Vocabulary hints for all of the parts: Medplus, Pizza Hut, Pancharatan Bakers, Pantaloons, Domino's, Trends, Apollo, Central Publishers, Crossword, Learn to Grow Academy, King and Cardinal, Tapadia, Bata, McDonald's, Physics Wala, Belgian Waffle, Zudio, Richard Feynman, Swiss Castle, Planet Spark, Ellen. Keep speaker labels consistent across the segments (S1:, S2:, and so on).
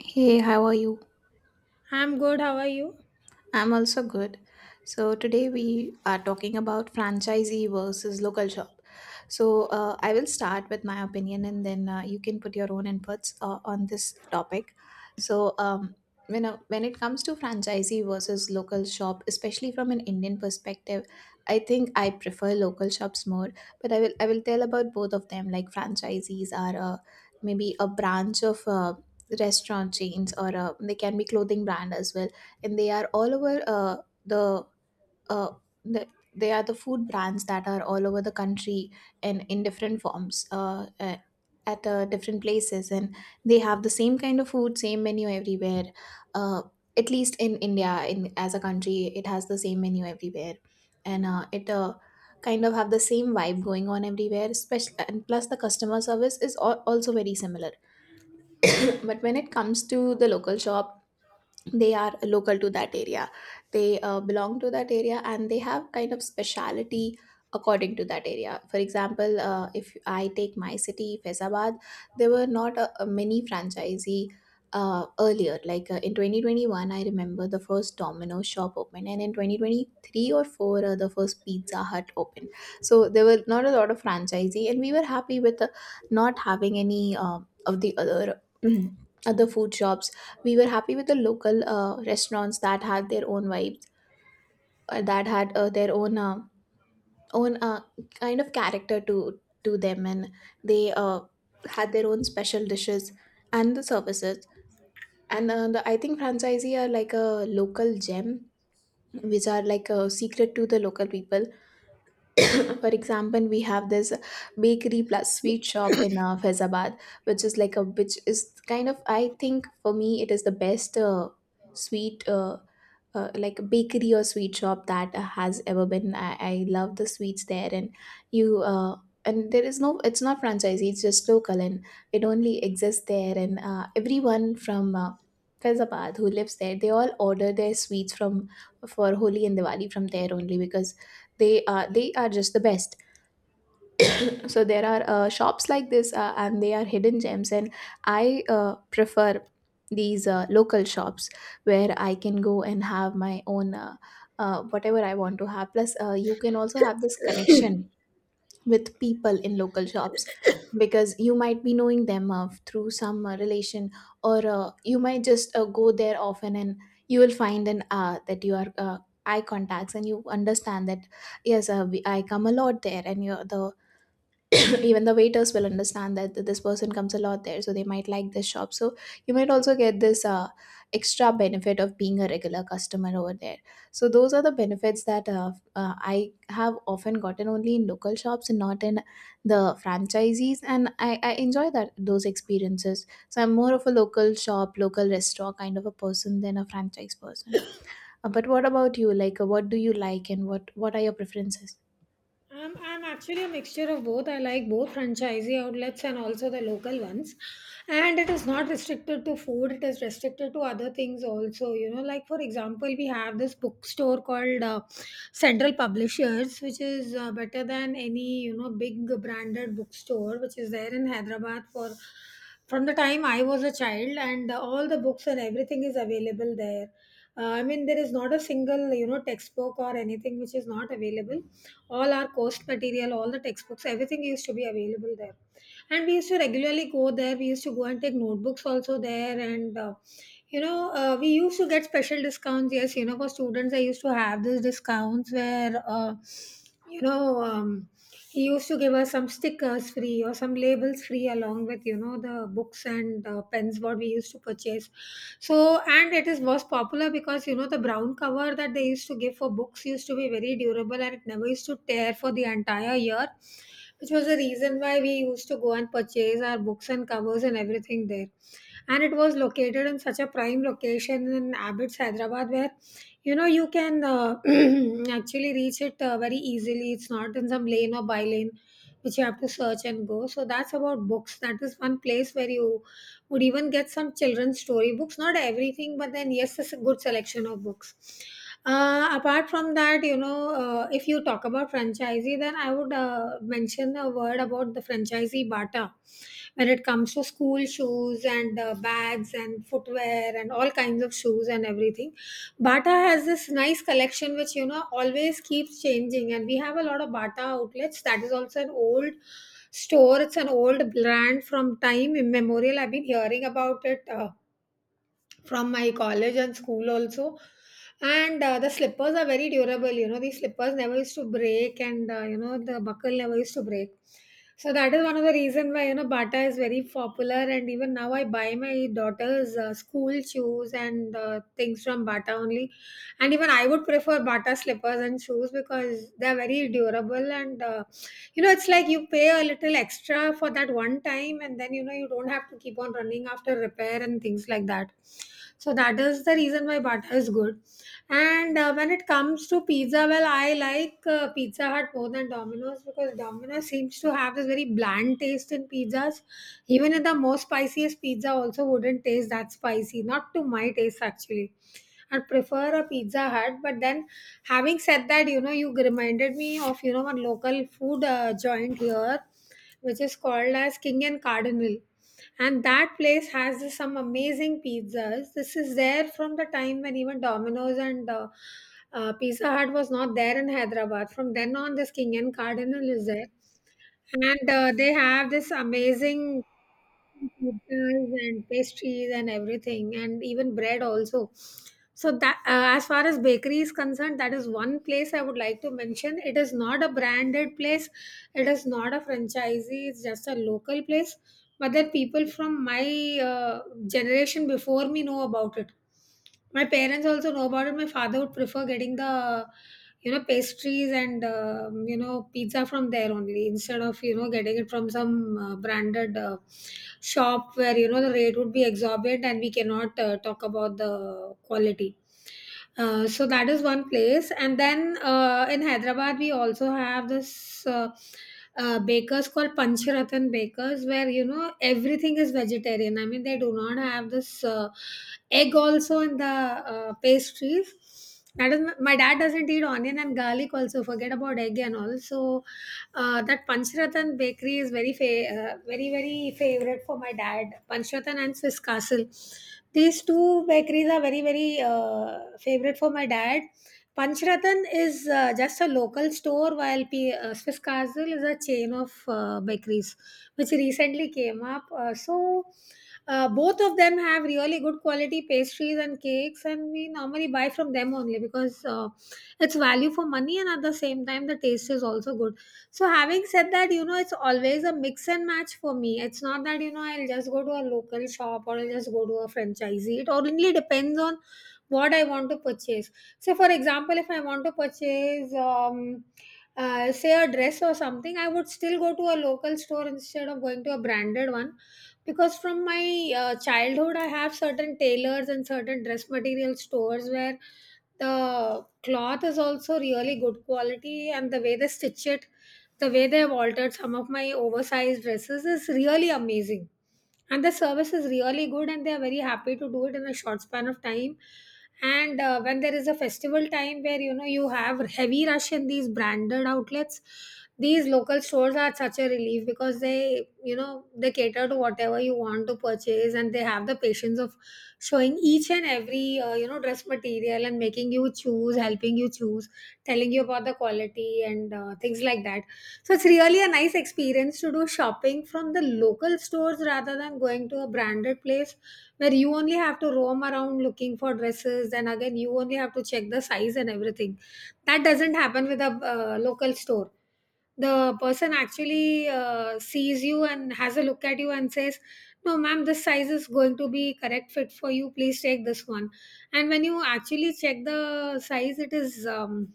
S1: Hey, how are you?
S2: I'm good. How are you?
S1: I'm also good. So today we are talking about franchisee versus local shop. So I will start with my opinion, and then you can put your own inputs on this topic. So when it comes to franchisee versus local shop, especially from an Indian perspective, I think I prefer local shops more. But I will tell about both of them. Like franchisees are maybe a branch of. Restaurant chains or they can be clothing brand as well, and they are all over the, uh, the they are the food brands that are all over the country, and in different forms at different places, and they have the same kind of food, same menu everywhere, uh, at least in India, in as a country it has the same menu everywhere. And it kind of have the same vibe going on everywhere, especially, and plus the customer service is also very similar. But when it comes to the local shop, they are local to that area. They belong to that area, and they have kind of speciality according to that area. For example, if I take my city Faizabad, there were not a many franchisee earlier. Like in 2021 I remember the first Domino shop opened, and in 2023 or 4 the first Pizza Hut opened. So there were not a lot of franchisee, and we were happy with not having any of the other other food shops. We were happy with the local restaurants that had their own vibes, that had their own own uh, kind of character to them. And they had their own special dishes and the services. And I think franchisee are like a local gem, which are like a secret to the local people. For example, we have this bakery plus sweet shop in Faizabad, which is kind of, I think, for me it is the best sweet like bakery or sweet shop that has ever been. I love the sweets there, and you and there is no it's not franchisee, it's just local, and it only exists there. And everyone from Faizabad who lives there, they all order their sweets from for Holi and Diwali from there only, because they are just the best. So there are shops like this, and they are hidden gems, and I prefer these local shops, where I can go and have my own, whatever I want to have. Plus you can also have this connection with people in local shops, because you might be knowing them through some relation, or you might just go there often, and you will find an that you are eye contacts, and you understand that yes, I come a lot there, and you're the even the waiters will understand that this person comes a lot there, so they might like this shop. So you might also get this extra benefit of being a regular customer over there. So those are the benefits that I have often gotten only in local shops and not in the franchisees. And I enjoy that those experiences, so I'm more of a local shop, local restaurant kind of a person than a franchise person. But what about you, like what do you like, and what are your preferences?
S2: I'm actually a mixture of both. I like both franchisee outlets and also the local ones. And it is not restricted to food, it is restricted to other things also. You know, like for example, we have this bookstore called Central Publishers, which is better than any, you know, big branded bookstore, which is there in Hyderabad for from the time I was a child, and all the books and everything is available there. I mean, there is not a single you know textbook or anything which is not available. All our course material, all the textbooks, everything used to be available there, and we used to regularly go there. We used to go and take notebooks also there, and we used to get special discounts. Yes, you know for students, I used to have these discounts where you know. Um, he used to give us some stickers free or some labels free along with you know the books and pens what we used to purchase. So and it is was popular because you know the brown cover that they used to give for books used to be very durable and it never used to tear for the entire year, which was the reason why we used to go and purchase our books and covers and everything there, and it was located in such a prime location in Abbots, Hyderabad, where you know you can actually reach it very easily. It's not in some lane or by lane which you have to search and go. So that's about books. That is one place where you would even get some children's story books, not everything, but then yes, it's a good selection of books. Apart from that, you know, if you talk about franchisee, then I would mention a word about the franchisee Bata. When it comes to school shoes and bags and footwear and all kinds of shoes and everything, Bata has this nice collection which you know always keeps changing, and we have a lot of Bata outlets. That is also an old store. It's an old brand from time immemorial. I've been hearing about it from my college and school also. And the slippers are very durable. You know these slippers never used to break, and you know the buckle never used to break. So that is one of the reason why you know Bata is very popular, and even now I buy my daughter's school shoes and things from Bata only, and even I would prefer Bata slippers and shoes because they're very durable. You know, it's like you pay a little extra for that one time and then, you know, you don't have to keep on running after repair and things like that. So that is the reason why Bata is good. And when it comes to pizza, well, I like Pizza Hut more than Domino's because Domino's seems to have this very bland taste in pizzas. Even in the most spiciest pizza, also wouldn't taste that spicy, not to my taste actually. I'd prefer a Pizza Hut, but then having said that, you know, you reminded me of you know one local food joint here, which is called as King and Cardinal, and that place has some amazing pizzas. This is there from the time when even Domino's and Pizza Hut was not there in Hyderabad. From then on, this King and Cardinal is there, and they have this amazing pizzas and pastries and everything and even bread also. So that as far as bakery is concerned, that is one place I would like to mention. It is not a branded place, it is not a franchisee, it's just a local place. But then people from my generation before me know about it, my parents also know about it. My father would prefer getting the you know pastries and you know pizza from there only, instead of you know getting it from some branded shop where you know the rate would be exorbitant and we cannot talk about the quality. So that is one place, and then in Hyderabad we also have this bakers called Pancharatan Bakers, where you know everything is vegetarian. I mean, they do not have this egg also in the pastries. That is, my dad doesn't eat onion and garlic also. Forget about egg and all. So, that Panchratan bakery is very, very favorite for my dad. Panchratan and Swiss Castle. These two bakeries are very, very favorite for my dad. Panchratan is just a local store, while Swiss Castle is a chain of bakeries, which recently came up. Both of them have really good quality pastries and cakes, and we normally buy from them only because it's value for money, and at the same time, the taste is also good. So, having said that, you know, it's always a mix and match for me. It's not that, you know, I'll just go to a local shop or I'll just go to a franchisee. It only depends on what I want to purchase. So, for example, if I want to purchase, say, a dress or something, I would still go to a local store instead of going to a branded one, because from my childhood I have certain tailors and certain dress material stores where the cloth is also really good quality, and the way they stitch it, the way they have altered some of my oversized dresses is really amazing, and the service is really good and they are very happy to do it in a short span of time. And when there is a festival time where you know you have heavy rush in these branded outlets, these local stores are such a relief because they you know they cater to whatever you want to purchase, and they have the patience of showing each and every you know dress material and making you choose, helping you choose, telling you about the quality and things like that. So it's really a nice experience to do shopping from the local stores rather than going to a branded place where you only have to roam around looking for dresses and again you only have to check the size and everything. That doesn't happen with a local store. The person actually sees you and has a look at you and says, no ma'am, this size is going to be correct fit for you, please take this one. And when you actually check the size, it is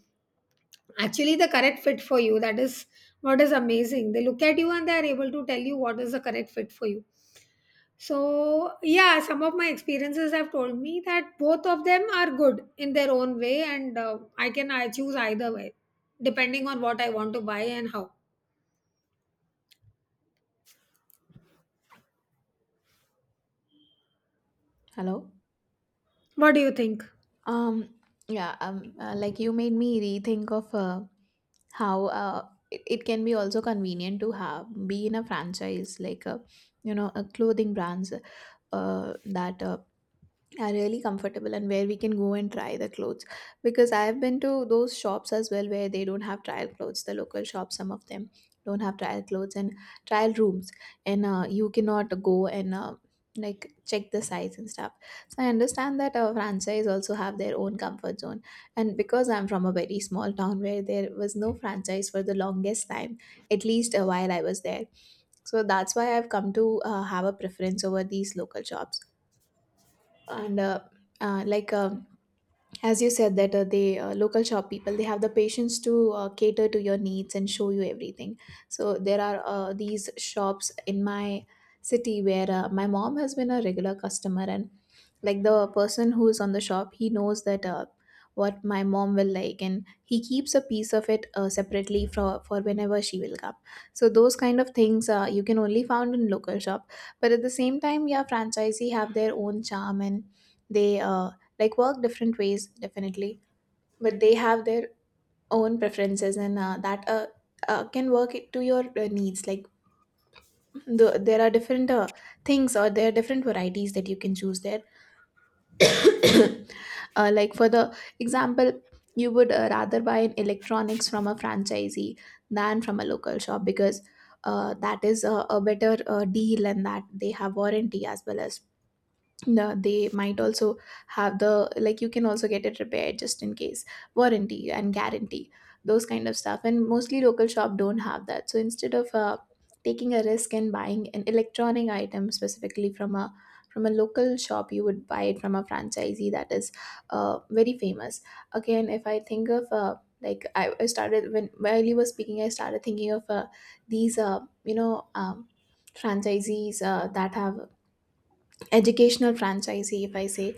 S2: actually the correct fit for you. That is what is amazing, they look at you and they are able to tell you what is the correct fit for you. So yeah, some of my experiences have told me that both of them are good in their own way, and I choose either way depending on what I want to buy and how.
S1: Hello.
S2: What do you think?
S1: Um, yeah, like you made me rethink of how it can be also convenient to have be in a franchise, like you know, clothing brands that are really comfortable, and where we can go and try the clothes, because I've been to those shops as well where they don't have trial clothes. The local shops, some of them don't have trial clothes and trial rooms, and you cannot go and like check the size and stuff. So I understand that franchise also have their own comfort zone. And because I'm from a very small town where there was no franchise for the longest time, at least while I was there. So that's why I've come to have a preference over these local shops. And like as you said that the local shop people, they have the patience to cater to your needs and show you everything. So there are these shops in my city where my mom has been a regular customer, and like the person who is on the shop, he knows that what my mom will like, and he keeps a piece of it separately for whenever she will come. So those kind of things you can only found in local shop. But at the same time, yeah, franchisee have their own charm, and they like work different ways, definitely. But they have their own preferences, and that can work it to your needs. Like there are different things, or there are different varieties that you can choose there. Like for the example, you would rather buy an electronics from a franchisee than from a local shop, because that is a better deal, and that they have warranty as well as they might also have the, like you can also get it repaired just in case, warranty and guarantee, those kind of stuff. And mostly local shop don't have that. So instead of taking a risk and buying an electronic item specifically from a local shop, you would buy it from a franchisee that is very famous. Again, if I think of like, I started, when while you were speaking I started thinking of these franchisees that have educational franchisee, if I say.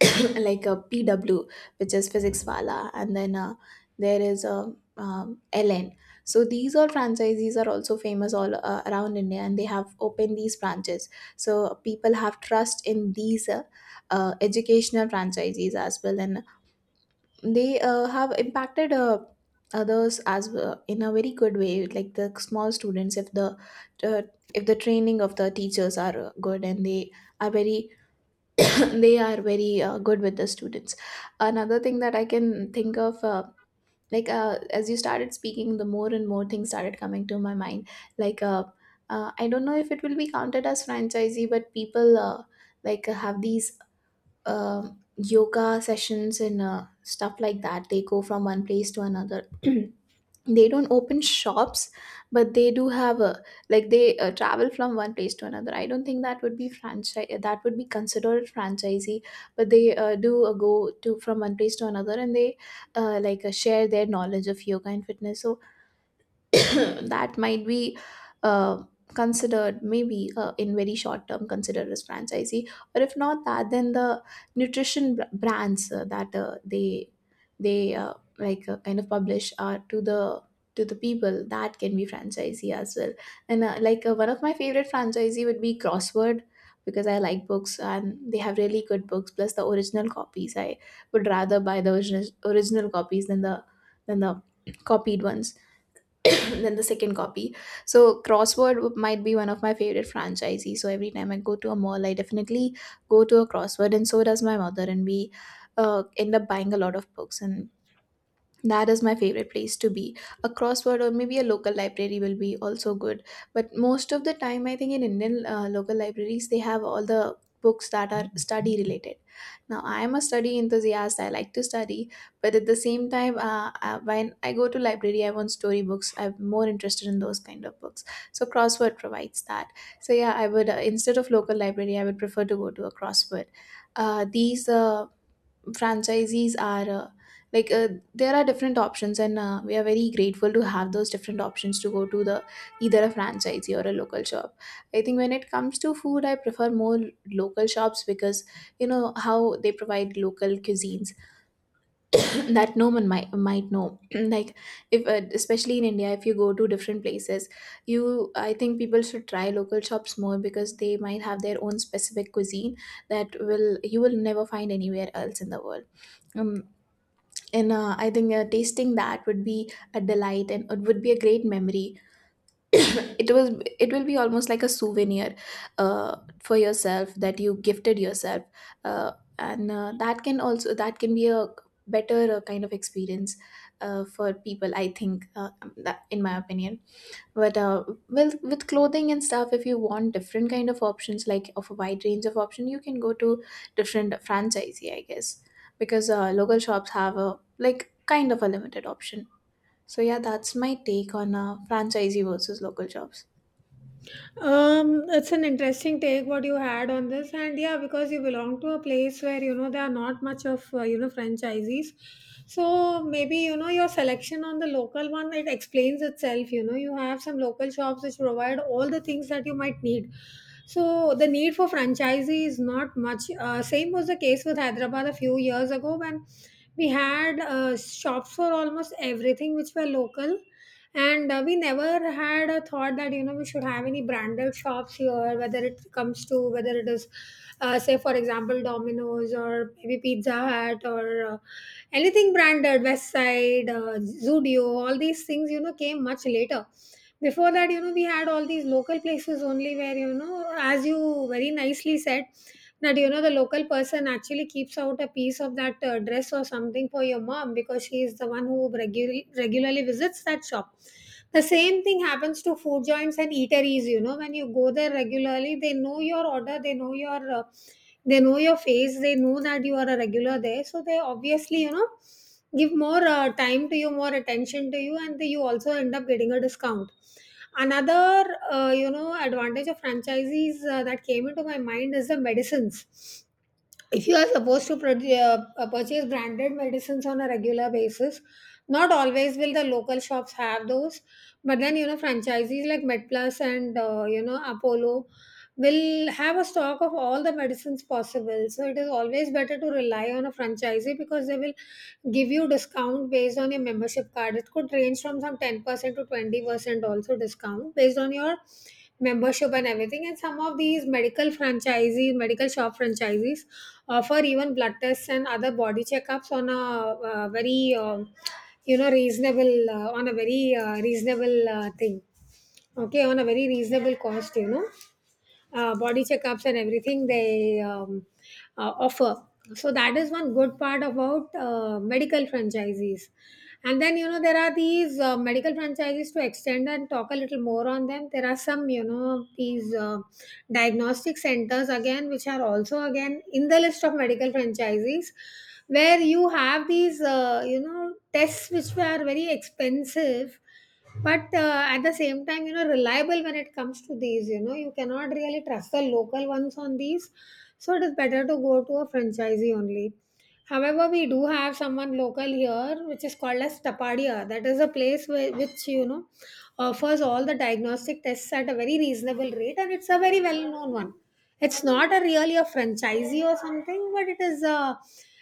S1: Like a PW, which is Physics Wala, and then there is a LN. So these all franchisees are also famous all around India, and they have opened these branches. So people have trust in these educational franchisees as well. And they have impacted others as well in a very good way. Like the small students, uh, if the training of the teachers are good, and they are very they are very good with the students. Another thing that I can think of, like, as you started speaking, the more and more things started coming to my mind. Like I don't know if it will be counted as franchisee, but people like have these um yoga sessions and stuff like that. They go from one place to another. They don't open shops, but they do have a, like they travel from one place to another. I don't think that would be franchise, that would be considered franchisee. But they do go to from one place to another, and they like share their knowledge of yoga and fitness. So that might be uh, considered maybe in very short term considered as franchisee. Or if not that, then the nutrition brands that they like kind of publish are to the people, that can be franchisee as well. And like one of my favorite franchisee would be Crossword, because I like books and they have really good books, plus the original copies. I would rather buy the original copies than the than the copied ones, then the second copy. So Crossword might be one of my favorite franchises. So every time I go to a mall, I definitely go to a Crossword, and so does my mother, and we end up buying a lot of books, and that is my favorite place to be. A Crossword, or maybe a local library, will be also good. But most of the time, I think in Indian local libraries, they have all the books that are study related. Now, I am a study enthusiast. I like to study, but at the same time, when I go to library, I want story books. I'm more interested in those kind of books. So Crossword provides that. So yeah, I would, instead of local library, I would prefer to go to a Crossword. These franchisees are like, there are different options and we are very grateful to have those different options to go to the either a franchisee or a local shop. I think when it comes to food, I prefer more local shops because you know how they provide local cuisines that no one might know. Like if especially in India, if you go to different places, you I think people should try local shops more because they might have their own specific cuisine that will you will never find anywhere else in the world. um, and I think tasting that would be a delight and it would be a great memory. it was it will be almost like a souvenir for yourself that you gifted yourself. Uh, and that can be a better kind of experience for people, I think, that, in my opinion. But uh, well with clothing and stuff, if you want different kind of options, like of a wide range of option, you can go to different franchisee, I guess, because local shops have a like kind of a limited option. So yeah, that's my take on franchisee versus local shops.
S2: It's an interesting take what you had on this, and yeah, because you belong to a place where you know there are not much of you know franchisees, so maybe you know your selection on the local one, it explains itself. You know, you have some local shops which provide all the things that you might need. So the need for franchisee is not much. Same was the case with Hyderabad a few years ago when we had shops for almost everything which were local, and we never had a thought that you know we should have any branded shops here, whether it comes to whether it is say for example Domino's or maybe Pizza Hut or anything branded, west side Zudio, all these things you know came much later. Before that, you know, we had all these local places only, where you know as you very nicely said that you know, the local person actually keeps out a piece of that dress or something for your mom because she is the one who regularly visits that shop. The same thing happens to food joints and eateries. You know, when you go there regularly, they know your order, they know your face, they know that you are a regular there, so they obviously give more time to you, more attention to you, and you also end up getting a discount. Another advantage of franchisees that came into my mind is the medicines. If you are supposed to purchase branded medicines on a regular basis, not always will the local shops have those, but then you know franchisees like Medplus and you know Apollo will have a stock of all the medicines possible, so it is always better to rely on a franchisee because they will give you discount based on your membership card. It could range from some 10% to 20% also, discount based on your membership and everything. And some of these medical franchisees, medical shop franchisees, offer even blood tests and other body checkups on a very you know reasonable, on a very reasonable thing, okay, on a very reasonable cost, you know, body checkups and everything they offer. So that is one good part about medical franchisees. And then you know there are these medical franchises. To extend and talk a little more on them, there are some you know these diagnostic centers again, which are also again in the list of medical franchises, where you have these you know tests which are very expensive, but at the same time, you know, reliable. When it comes to these, you know, you cannot really trust the local ones on these. So it is better to go to a franchisee only. However, we do have someone local here which is called as Tapadia. That is a place where, which you know offers all the diagnostic tests at a very reasonable rate, and it's a very well-known one. It's not a really a franchisee or something, but it is a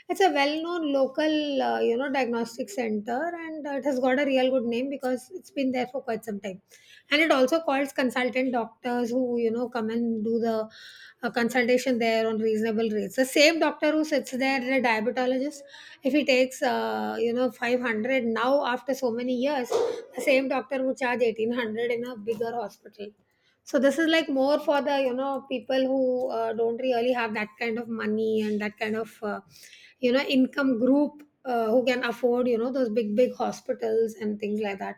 S2: it's a well-known local you know diagnostic center, and it has got a real good name because it's been there for quite some time. And it also calls consultant doctors who you know come and do the a consultation there on reasonable rates. The same doctor who sits there, the diabetologist, if he takes you know 500 now after so many years, the same doctor would charge 1800 in a bigger hospital. So this is like more for the you know people who don't really have that kind of money and that kind of you know income group, who can afford you know those big big hospitals and things like that.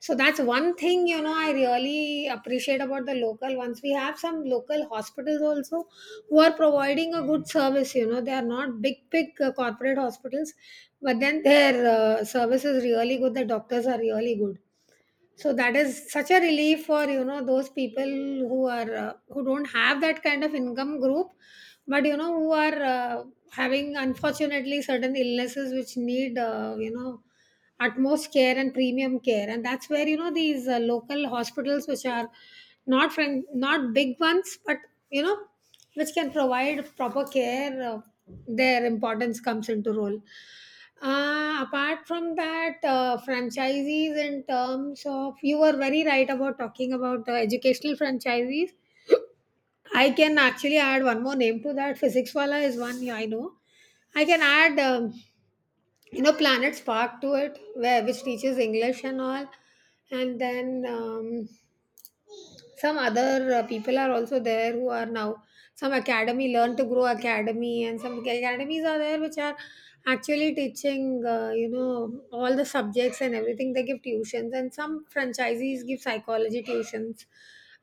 S2: So that's one thing you know I really appreciate about the local ones. We have some local hospitals also who are providing a good service. You know they are not big big corporate hospitals, but then their service is really good. The doctors are really good, so that is such a relief for you know those people who are who don't have that kind of income group, but you know who are having unfortunately certain illnesses which need you know utmost care and premium care. And that's where you know these local hospitals which are not friend, not big ones, but you know which can provide proper care, their importance comes into role. Apart from that, franchisees in terms of, you were very right about talking about the educational franchisees. I can actually add one more name to that. Physics Wala is one, yeah, I know. I can add you know Planet Spark to it, where which teaches English and all, and then some other people are also there who are now some academy, Learn to Grow academy, and some academies are there which are actually teaching you know all the subjects and everything. They give tuitions, and some franchisees give psychology tuitions,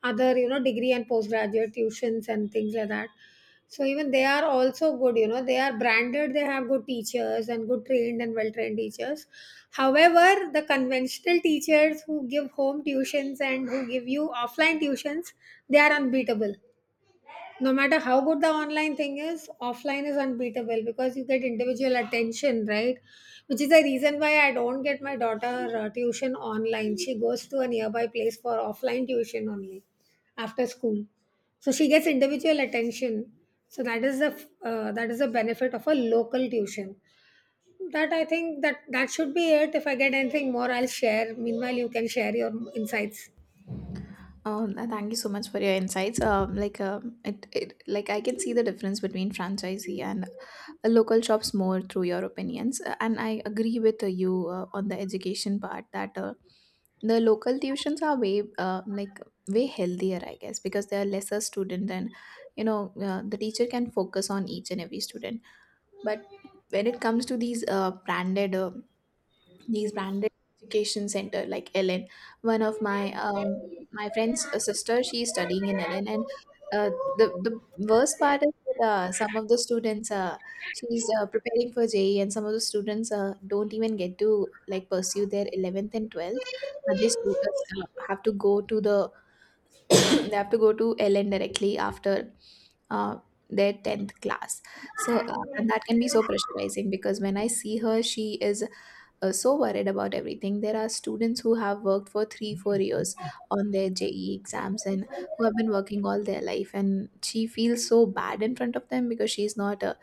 S2: other you know degree and postgraduate tuitions and things like that. So even they are also good, you know, they are branded, they have good teachers and good trained and well trained teachers. However, the conventional teachers who give home tuitions and who give you offline tuitions, they are unbeatable. No matter how good the online thing is, offline is unbeatable because you get individual attention, right? Which is the reason why I don't get my daughter tuition online. She goes to a nearby place for offline tuition only after school, so she gets individual attention. So that is that is the benefit of a local tuition. That I think that should be it. If I get anything more, I'll share. Meanwhile, you can share your insights.
S1: Oh, thank you so much for your insights. Like, like, I can see the difference between franchisee and local shops more through your opinions. And I agree with you on the education part that the local tuitions are way way healthier, I guess, because there are lesser student and the teacher can focus on each and every student. But when it comes to these branded education center like Ellen. One of my friend's sister, she's studying in Ellen, and the worst part is that some of the students she's preparing for JE, and some of the students don't even get to like pursue their eleventh and twelfth, but they students have to go to the they have to go to Ellen directly after uh, their 10th class. So and that can be so pressurizing, because when I see her, she is so worried about everything. There are students who have worked for three, 4 years on their JE exams and who have been working all their life. And she feels so bad in front of them because she's not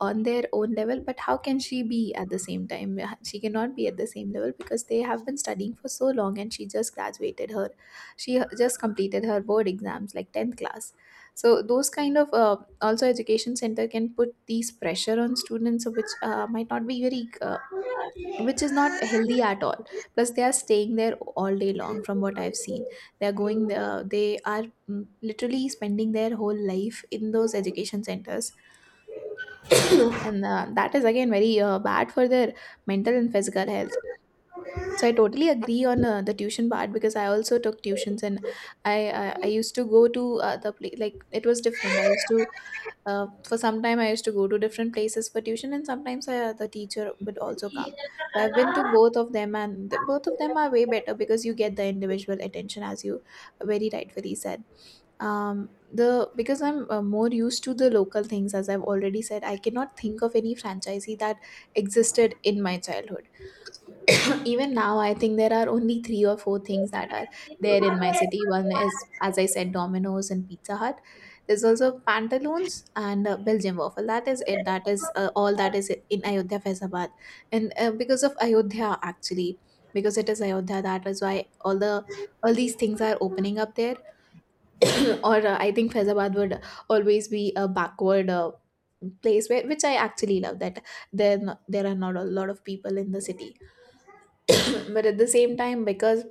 S1: on their own level. But how can she be at the same time? She cannot be at the same level because they have been studying for so long and she just graduated her. She just completed her board exams, like 10th class. So those kind of also education center can put these pressure on students, which might not be very which is not healthy at all. Plus they are staying there all day long. From what I've seen, they are going there, they are, literally spending their whole life in those education centers. And that is again very bad for their mental and physical health. So I totally agree on the tuition part because I also took tuitions. And I I used to go to the place, like it was different. I used to, for some time, I used to go to different places for tuition, and sometimes the teacher would also come. So I've been to both of them and both of them are way better because you get the individual attention, as you very rightfully said. The Because I'm more used to the local things, as I've already said, I cannot think of any franchisee that existed in my childhood. Even now, I think there are only three or four things that are there in my city. One is, as I said, Domino's and Pizza Hut. There's also Pantaloons and Belgian Waffle. That is it. That is all that is in Ayodhya Faizabad. And because of Ayodhya actually, because it is Ayodhya, that is why all the all these things are opening up there. Or I think Faizabad would always be a backward place where, which I actually love that. Then there are not a lot of people in the city. But at the same time, because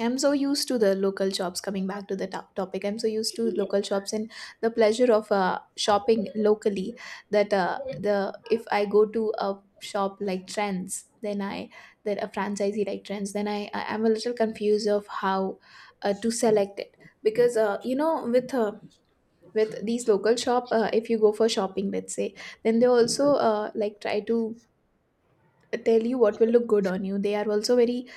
S1: I'm so used to the local shops, coming back to the topic, I'm so used to local shops and the pleasure of shopping locally, that the if I go to a shop like Trends, then I that a franchisee like Trends, then I'm a little confused of how to select it, because you know, with uh, with these local shop, if you go for shopping, let's say, then they also like try to tell you what will look good on you. They are also very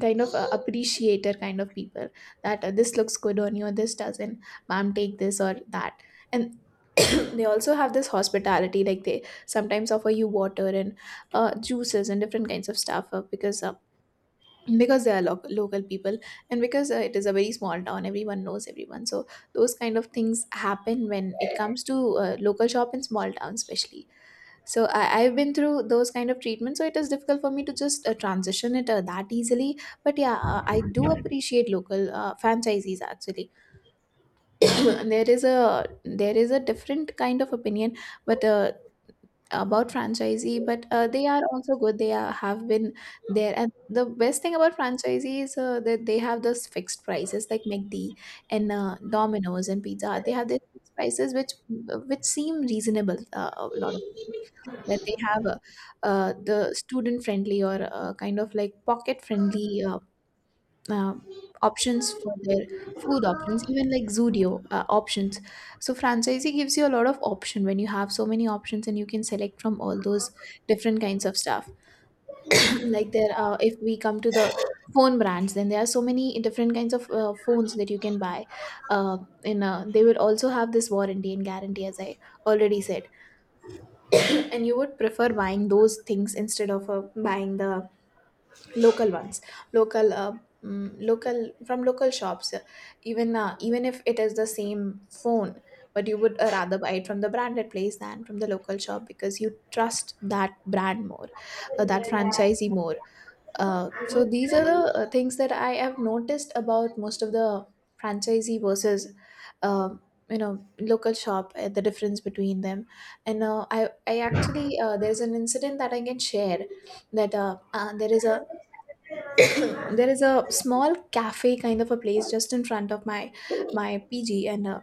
S1: kind of appreciator kind of people, that this looks good on you or this doesn't, ma'am, take this or that. And they also have this hospitality, like they sometimes offer you water and juices and different kinds of stuff, because they are local people, and because it is a very small town, everyone knows everyone. So those kind of things happen when it comes to local shop in small towns especially. So I've been through those kind of treatments, so it is difficult for me to just transition it that easily. But yeah, I do appreciate local franchisees actually. There is a different kind of opinion, but about franchisee, but they are also good. They are, have been there. And the best thing about franchisee is that they have those fixed prices, like McD and Domino's and Pizza Hut. They have these fixed prices which seem reasonable. A lot of that They have the student friendly or kind of like pocket friendly uh, options for their food options, even like Zudio options. So franchisee gives you a lot of option. When you have so many options, and you can select from all those different kinds of stuff. Like there if we come to the phone brands, then there are so many different kinds of phones that you can buy. Uh, and uh, they will also have this warranty and guarantee, as I already said. And you would prefer buying those things instead of buying the local ones, local uh, local, from local shops. Even even if it is the same phone, but you would rather buy it from the branded place than from the local shop because you trust that brand more, that franchisee more. So these are the things that I have noticed about most of the franchisee versus, um, you know, local shop. The difference between them. And I actually, there is an incident that I can share, that there is a there is a small cafe kind of a place just in front of my PG. And uh,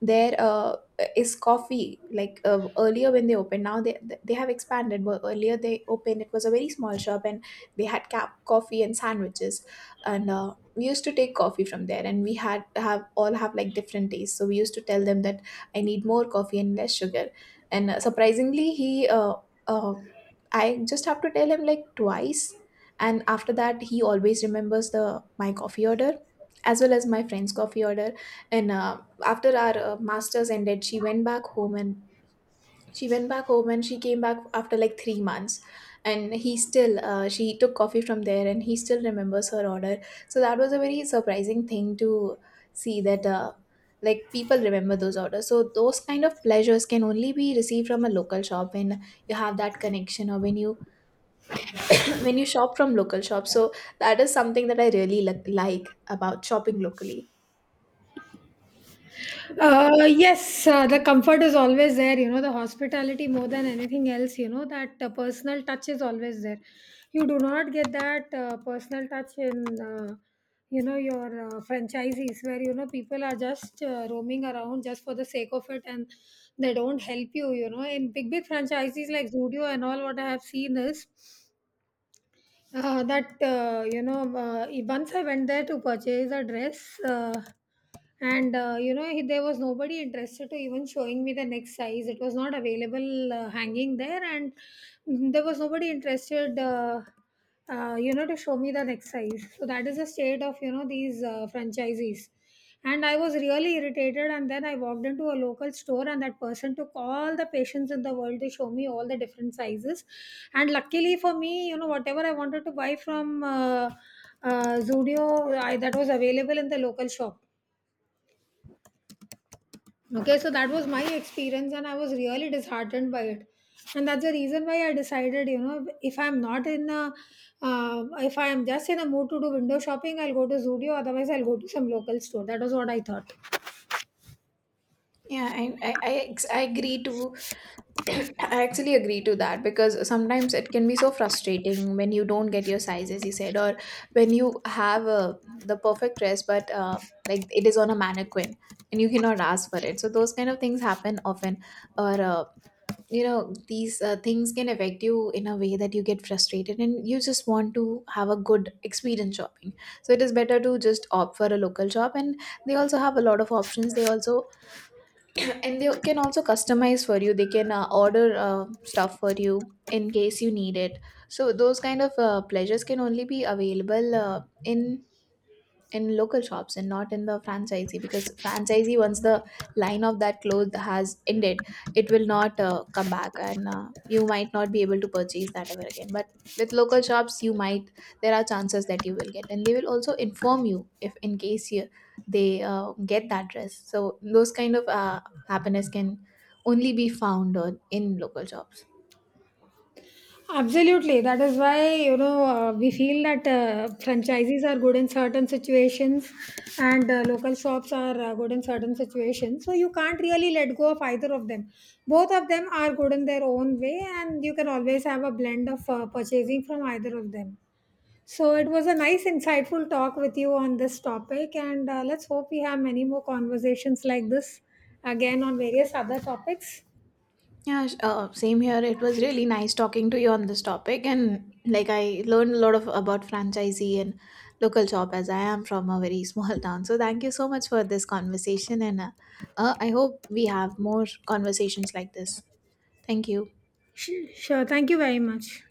S1: there uh, is coffee. Like earlier when they opened, now they have expanded, but earlier they opened, it was a very small shop and they had coffee and sandwiches. And we used to take coffee from there, and we had have all have like different tastes, so we used to tell them that I need more coffee and less sugar. And surprisingly he uh, I just have to tell him like twice, and after that he always remembers the my coffee order, as well as my friend's coffee order. And after our masters ended, she went back home and she came back after like 3 months. And he still she took coffee from there, and he still remembers her order. So that was a very surprising thing to see, that like, people remember those orders. So those kind of pleasures can only be received from a local shop, when you have that connection or when you when you shop from local shops. So that is something that I really like about shopping locally.
S2: Yes, the comfort is always there, you know, the hospitality more than anything else, you know, that personal touch is always there. You do not get that personal touch in, you know, your franchises where, you know, people are just roaming around just for the sake of it, and they don't help you, you know. In big, big franchises like Zudio and all, what I have seen is that you know, once I went there to purchase a dress, and you know, there was nobody interested to even showing me the next size. It was not available hanging there, and there was nobody interested, you know, to show me the next size. So that is the state of you know these franchisees. And I was really irritated. And then I walked into a local store, and that person took all the patience in the world to show me all the different sizes. And luckily for me, you know, whatever I wanted to buy from Zudio, that was available in the local shop. Okay, so that was my experience, and I was really disheartened by it. And that's the reason why I decided, you know, if I'm not in a, if I'm just in a mood to do window shopping, I'll go to Zudio. Otherwise, I'll go to some local store. That was what I thought.
S1: Yeah, I, ex- I agree to I actually agree to that because sometimes it can be so frustrating when you don't get your size, as you said, or when you have the perfect dress, but like it is on a mannequin and you cannot ask for it. So those kind of things happen often, or you know, these things can affect you in a way that you get frustrated and you just want to have a good experience shopping. So it is better to just opt for a local shop, and they also have a lot of options. They also and they can also customize for you they can order stuff for you in case you need it so those kind of pleasures can only be available in local shops and not in the franchisee because franchisee once the line of that cloth has ended it will not come back and you might not be able to purchase that ever again but with local shops you might there are chances that you will get and they will also inform you if in case you they get that dress so those kind of happiness can only be found on, in local shops
S2: Absolutely. That is why, you know, we feel that franchisees are good in certain situations and local shops are good in certain situations. So you can't really let go of either of them. Both of them are good in their own way, and you can always have a blend of purchasing from either of them. So it was a nice, insightful talk with you on this topic, and let's hope we have many more conversations like this again on various other topics.
S1: Yeah, same here. It was really nice talking to you on this topic, and like, I learned a lot of about franchisee and local shop, as I am from a very small town. So thank you so much for this conversation, and I hope we have more conversations like this. Thank you.
S2: Sure. Sure. Thank you very much.